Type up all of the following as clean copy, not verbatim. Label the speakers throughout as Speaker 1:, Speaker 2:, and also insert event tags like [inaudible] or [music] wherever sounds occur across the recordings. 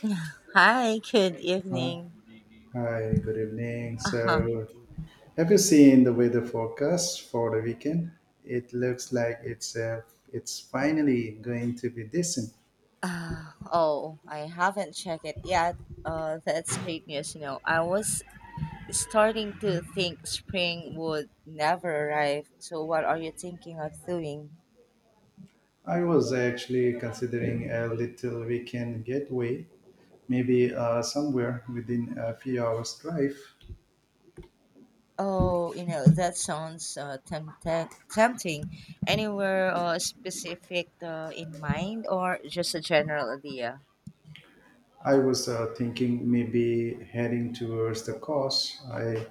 Speaker 1: [sighs] Hi, good
Speaker 2: Hi,
Speaker 1: evening.
Speaker 2: hi, good evening.
Speaker 1: Uh-huh.
Speaker 2: So, have you seen the weather forecast for the weekend? It looks like it's finally going to be decent.
Speaker 1: Oh, I haven't checked it yet. That's great news. You know, I was starting to think spring would never arrive. So, what are you thinking of doing?
Speaker 2: I was actually considering a little weekend getaway, maybe somewhere within a few hours drive.
Speaker 1: Oh, you know, that sounds tempting. Anywhere specific in mind or just a general idea?
Speaker 2: I was thinking maybe heading towards the coast. I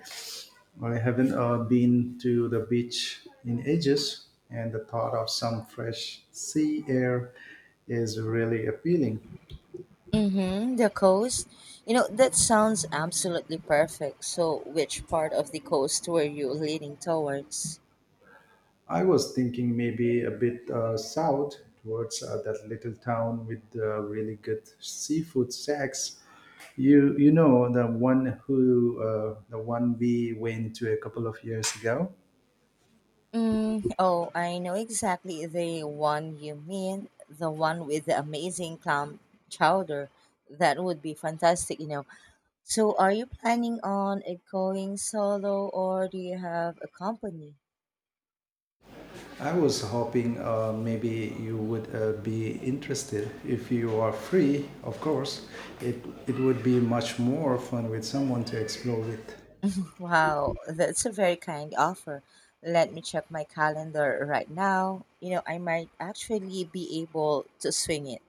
Speaker 2: Well, I haven't been to the beach in ages, and the thought of some fresh sea air is really appealing.
Speaker 1: Mm-hmm, the coast. You know, that sounds absolutely perfect. So, which part of the coast were you leaning towards?
Speaker 2: I was thinking maybe a bit south towards that little town with really good seafood sacks. You know the one we went to a couple of years ago.
Speaker 1: Mm, oh, I know exactly the one you mean. The one with the amazing clam chowder. That would be fantastic, you know. So, are you planning on it going solo or do you have a company?
Speaker 2: I was hoping maybe you would be interested. If you are free, of course, it would be much more fun with someone to explore with.
Speaker 1: Wow, that's a very kind offer. Let me check my calendar right now. You know, I might actually be able to swing it.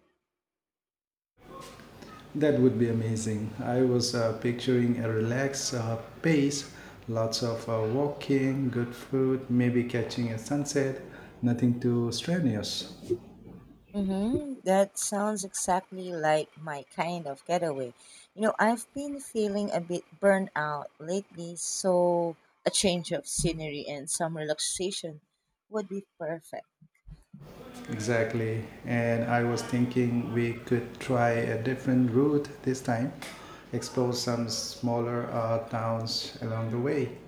Speaker 2: That would be amazing. I was picturing a relaxed pace, lots of walking, good food, maybe catching a sunset, nothing too strenuous.
Speaker 1: Mm-hmm. That sounds exactly like my kind of getaway. You know, I've been feeling a bit burned out lately, so a change of scenery and some relaxation would be perfect.
Speaker 2: Exactly. And I was thinking we could try a different route this time, explore some smaller towns along the way.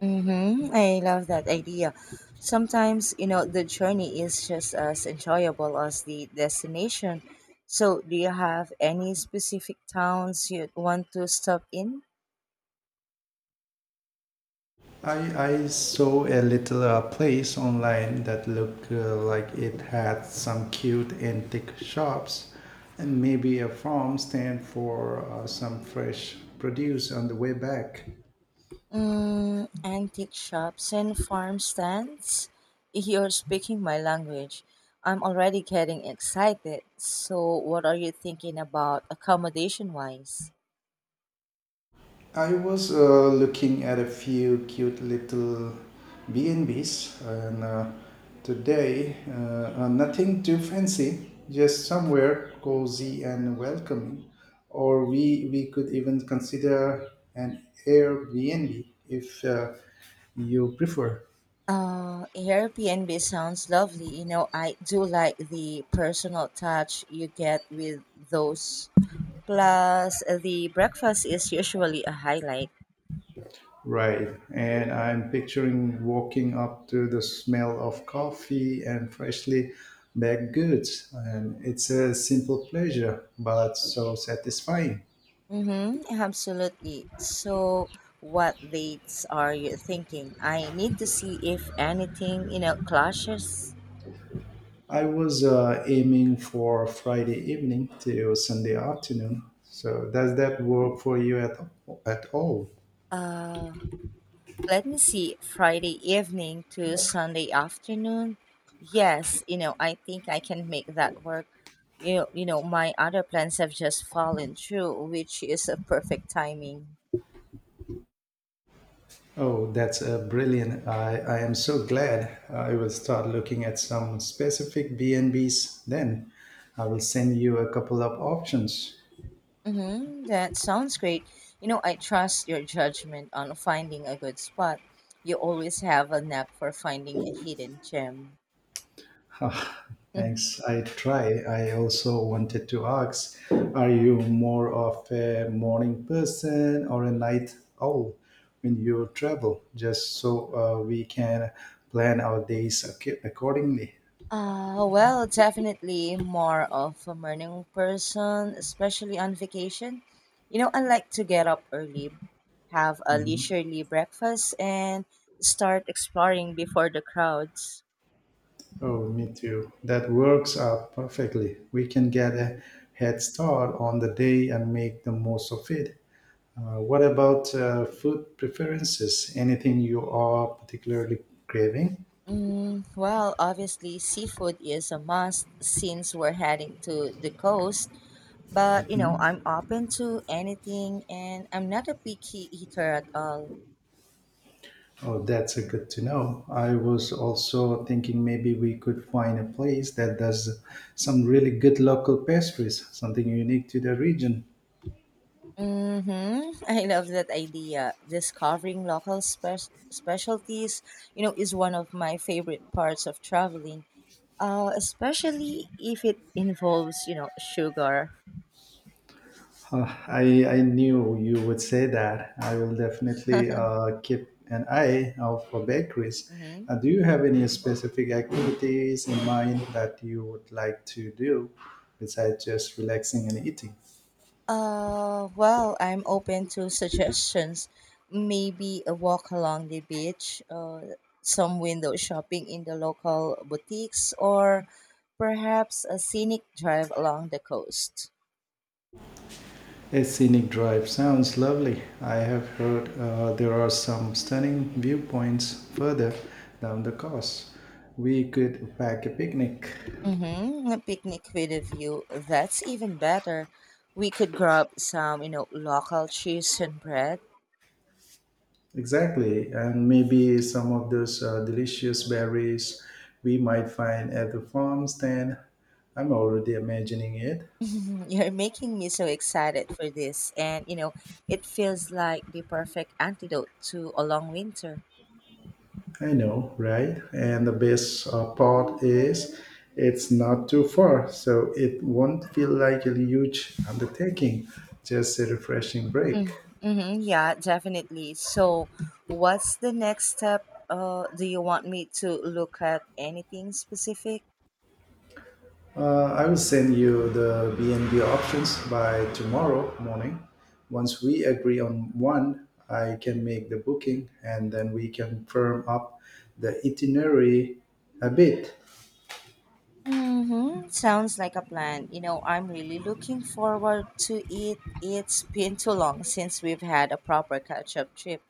Speaker 1: Mm-hmm. I love that idea. Sometimes, you know, the journey is just as enjoyable as the destination. So, do you have any specific towns you want to stop in?
Speaker 2: I saw a little place online that looked like it had some cute antique shops and maybe a farm stand for some fresh produce on the way back.
Speaker 1: Mm, antique shops and farm stands? You're speaking my language. I'm already getting excited. So, what are you thinking about accommodation wise?
Speaker 2: I was looking at a few cute little B&Bs and Bs, and today nothing too fancy, just somewhere cozy and welcoming. Or we could even consider an Airbnb if you prefer.
Speaker 1: Airbnb sounds lovely. You know, I do like the personal touch you get with those. Plus, the breakfast is usually a highlight.
Speaker 2: Right. And I'm picturing walking up to the smell of coffee and freshly baked goods. And it's a simple pleasure, but so satisfying.
Speaker 1: Mm-hmm, absolutely. So, what dates are you thinking? I need to see if anything, you know, clashes.
Speaker 2: I was aiming for Friday evening till Sunday afternoon. So does that work for you at all?
Speaker 1: Uh, Let me see, Friday evening to Sunday afternoon. Yes, you know, I think I can make that work. You know, my other plans have just fallen through, which is a perfect timing.
Speaker 2: Oh, that's brilliant. I am so glad. I will start looking at some specific B&Bs then. I will send you a couple of options.
Speaker 1: Mm-hmm, that sounds great. You know, I trust your judgment on finding a good spot. You always have a knack for finding a hidden gem.
Speaker 2: Ah,
Speaker 1: [laughs]
Speaker 2: thanks. I try. I also wanted to ask, are you more of a morning person or a night owl when you travel? Just so we can plan our days accordingly.
Speaker 1: Well, definitely more of a morning person, especially on vacation. You know, I like to get up early, have a
Speaker 2: Mhm.
Speaker 1: leisurely breakfast, and start exploring before the crowds.
Speaker 2: Oh, me too. That works out perfectly. We can get a head start on the day and make the most of it. What about food preferences? Anything you are particularly craving?
Speaker 1: Mm, well, obviously, seafood is a must since we're heading to the coast. But, you know, I'm open to anything and I'm not a picky eater at all.
Speaker 2: Oh, that's a good to know. I was also thinking maybe we could find a place that does some really good local pastries, something unique to the region.
Speaker 1: Mm-hmm. I love that idea. Discovering local specialties, you know, is one of my favorite parts of traveling. Especially if it involves, you know, sugar.
Speaker 2: I knew you would say that. I will definitely keep an eye out for bakeries.
Speaker 1: Mm-hmm.
Speaker 2: Do you have any specific activities in mind that you would like to do besides just relaxing and eating?
Speaker 1: Well, I'm open to suggestions. Maybe a walk along the beach, some window shopping in the local boutiques, or perhaps a scenic drive along the coast.
Speaker 2: A scenic drive sounds lovely. I have heard there are some stunning viewpoints further down the coast. We could pack a picnic.
Speaker 1: Mm-hmm. A picnic with a view. That's even better. We could grab some, you know, local cheese and bread.
Speaker 2: Exactly, and maybe some of those delicious berries we might find at the farm stand. I'm already imagining it.
Speaker 1: [laughs] You're making me so excited for this. And, you know, it feels like the perfect antidote to a long winter.
Speaker 2: I know, right? And the best part is it's not too far, so it won't feel like a huge undertaking, just a refreshing break.
Speaker 1: Mm-hmm. mm-hmm, Yeah, definitely. So, what's the next step? Do you want me to look at anything specific?
Speaker 2: I will send you the B&B options by tomorrow morning. Once we agree on one, I can make the booking and then we can firm up the itinerary a bit.
Speaker 1: Mm-hmm. Sounds like a plan. You know, I'm really looking forward to it. It's been too long since we've had a proper catch-up trip.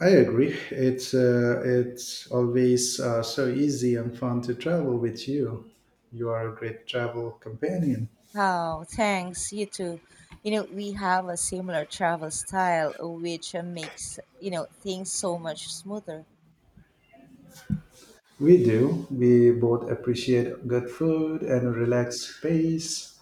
Speaker 2: I agree. It's always so easy and fun to travel with you. You are a great travel companion.
Speaker 1: Oh, thanks. You too. You know, we have a similar travel style, which makes, you know, things so much smoother.
Speaker 2: We do. We both appreciate good food and relaxed space,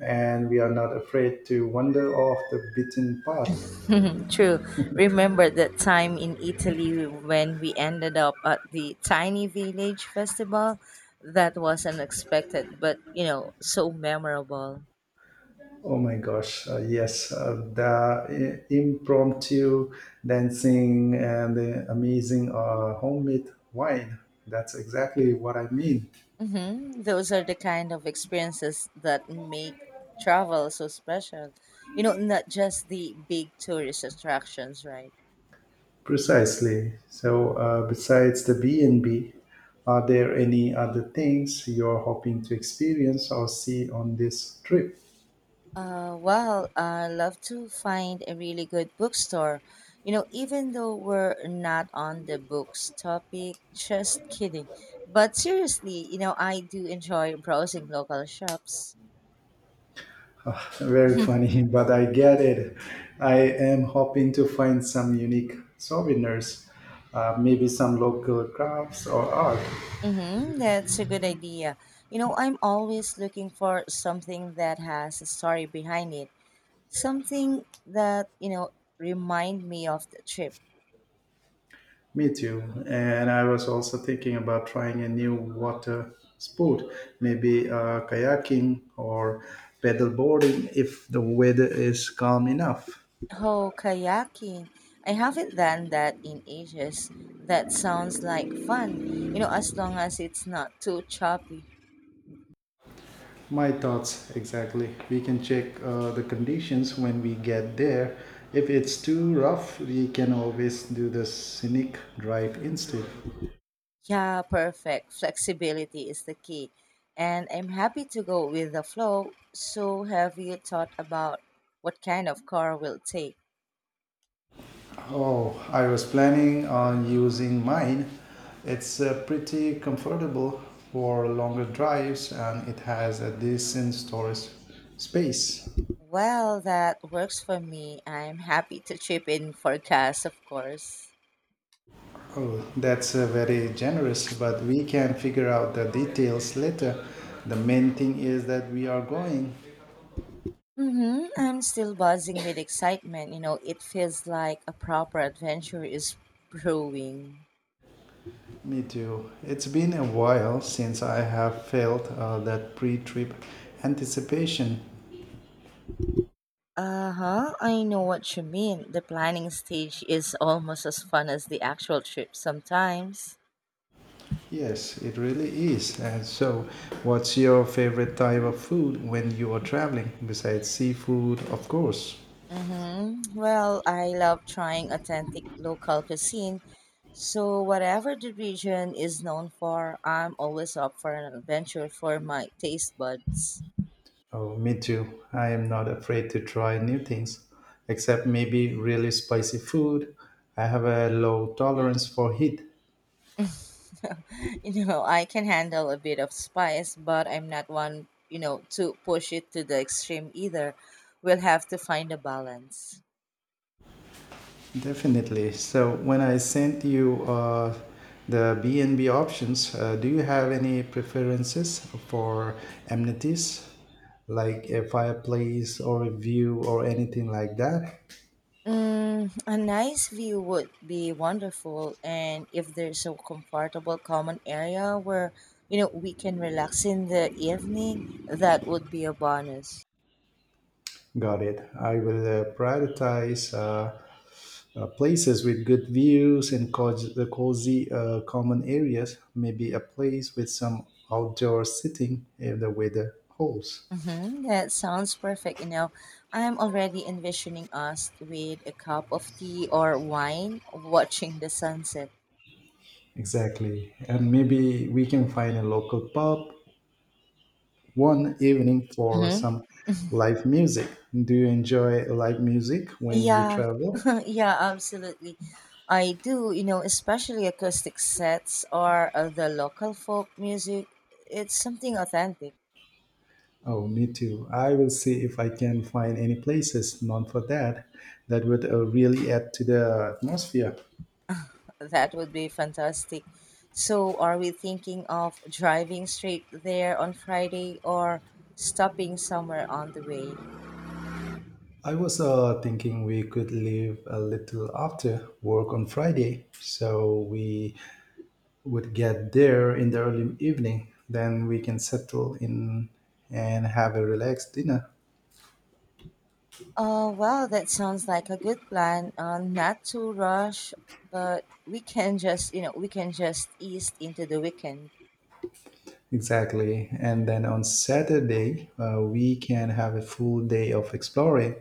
Speaker 2: and we are not afraid to wander off the beaten path.
Speaker 1: [laughs] True. Remember that time in Italy when we ended up at the Tiny Village Festival? That was unexpected, but, you know, so memorable.
Speaker 2: Oh my gosh, yes, the impromptu dancing and the amazing homemade wine. That's exactly what I mean.
Speaker 1: Mm-hmm. Those are the kind of experiences that make travel so special. You know, not just the big tourist attractions, right?
Speaker 2: Precisely. So, besides the B&B, are there any other things you're hoping to experience or see on this trip?
Speaker 1: Well, I love to find a really good bookstore. You know, even though we're not on the books topic, just kidding. But seriously, you know, I do enjoy browsing local shops.
Speaker 2: Very
Speaker 1: [laughs]
Speaker 2: funny, [laughs] but I get it. I am hoping to find some unique souvenirs, maybe some local crafts or art.
Speaker 1: Mm-hmm, that's a good idea. You know, I'm always looking for something that has a story behind it. Something that, you know, remind me of the trip.
Speaker 2: Me too. And I was also thinking about trying a new water sport, maybe kayaking or paddleboarding if the weather is calm enough.
Speaker 1: Oh, kayaking. I haven't done that in ages. That sounds like fun, you know, as long as it's not too choppy.
Speaker 2: My thoughts exactly. We can check the conditions when we get there. If it's too rough, we can always do the scenic drive instead.
Speaker 1: Yeah, perfect. Flexibility is the key. And I'm happy to go with the flow. So, have you thought about what kind of car we'll take?
Speaker 2: Oh, I was planning on using mine. It's pretty comfortable for longer drives and it has a decent storage space.
Speaker 1: Well, that works for me. I'm happy to chip in for gas, of course.
Speaker 2: Oh, that's very generous, but we can figure out the details later. The main thing is that we are going.
Speaker 1: Mm-hmm. I'm still buzzing with excitement. You know, it feels like a proper adventure is brewing.
Speaker 2: Me too. It's been a while since I have felt that pre trip anticipation.
Speaker 1: Uh huh. I know what you mean. The planning stage is almost as fun as the actual trip sometimes.
Speaker 2: Yes, it really is. And so, what's your favorite type of food when you are traveling, besides seafood, of course?
Speaker 1: Mm-hmm. Well, I love trying authentic local cuisine. So, whatever the region is known for, I'm always up for an adventure for my taste buds.
Speaker 2: Oh, me too. I am not afraid to try new things, except maybe really spicy food. I have a low tolerance for heat.
Speaker 1: [laughs] you know, I can handle a bit of spice, but I'm not one, you know, to push it to the extreme either. We'll have to find a balance.
Speaker 2: Definitely. So when I sent you the B&B options, do you have any preferences for amenities like a fireplace or a view or anything like that?
Speaker 1: Mm, a nice view would be wonderful, and if there's a comfortable common area where you know we can relax in the evening, that would be a bonus.
Speaker 2: Got it. I will prioritize places with good views and the cozy common areas, maybe a place with some outdoor sitting if the weather holds.
Speaker 1: Mm-hmm, that sounds perfect. You know, I'm already envisioning us with a cup of tea or wine, watching the sunset.
Speaker 2: Exactly. And maybe we can find a local pub one evening for
Speaker 1: Mhm.
Speaker 2: some live music. Do you enjoy live music when you
Speaker 1: Yeah,
Speaker 2: travel?
Speaker 1: [laughs] yeah, absolutely. I do, you know, especially acoustic sets or the local folk music. It's something authentic.
Speaker 2: Oh, me too. I will see if I can find any places known for that. That would really add to the atmosphere.
Speaker 1: [laughs] That would be fantastic. So, are we thinking of driving straight there on Friday or stopping somewhere on the way?
Speaker 2: I was thinking we could leave a little after work on Friday, so we would get there in the early evening. Then we can settle in and have a relaxed dinner.
Speaker 1: Oh, well, that sounds like a good plan. Not to rush, but we can just ease into the weekend.
Speaker 2: Exactly. And then on Saturday, we can have a full day of exploring,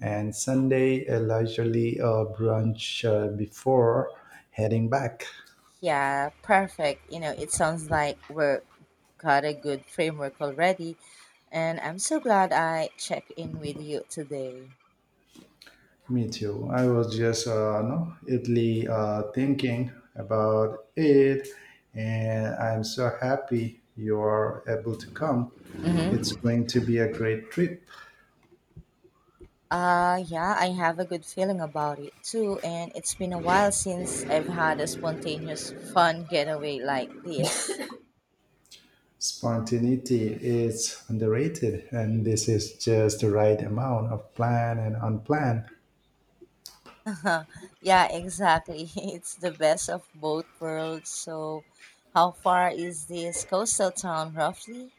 Speaker 2: and Sunday, a leisurely brunch before heading back.
Speaker 1: Yeah, perfect. You know, it sounds like we're got a good framework already, and I'm so glad I checked in with you today.
Speaker 2: Me too. I was just no, Italy thinking about it, and I'm so happy you're able to come. It's
Speaker 1: Mm-hmm.
Speaker 2: going to be a great trip.
Speaker 1: Yeah, I have a good feeling about it too, and it's been a while since I've had a spontaneous, fun getaway like this.
Speaker 2: Spontaneity is underrated, and this is just the right amount of planned and unplanned.
Speaker 1: [laughs] yeah, exactly. [laughs] It's the best of both worlds. So, how far is this coastal town roughly?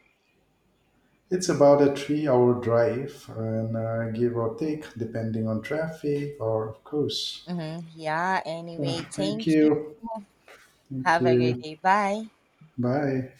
Speaker 2: It's about a 3-hour drive, and give or take, depending on traffic, or of course.
Speaker 1: Mm-hmm. Yeah,
Speaker 2: So,
Speaker 1: anyway,
Speaker 2: thank
Speaker 1: thank you.
Speaker 2: you. Thank
Speaker 1: Have a great
Speaker 2: you.
Speaker 1: day. Bye.
Speaker 2: Bye.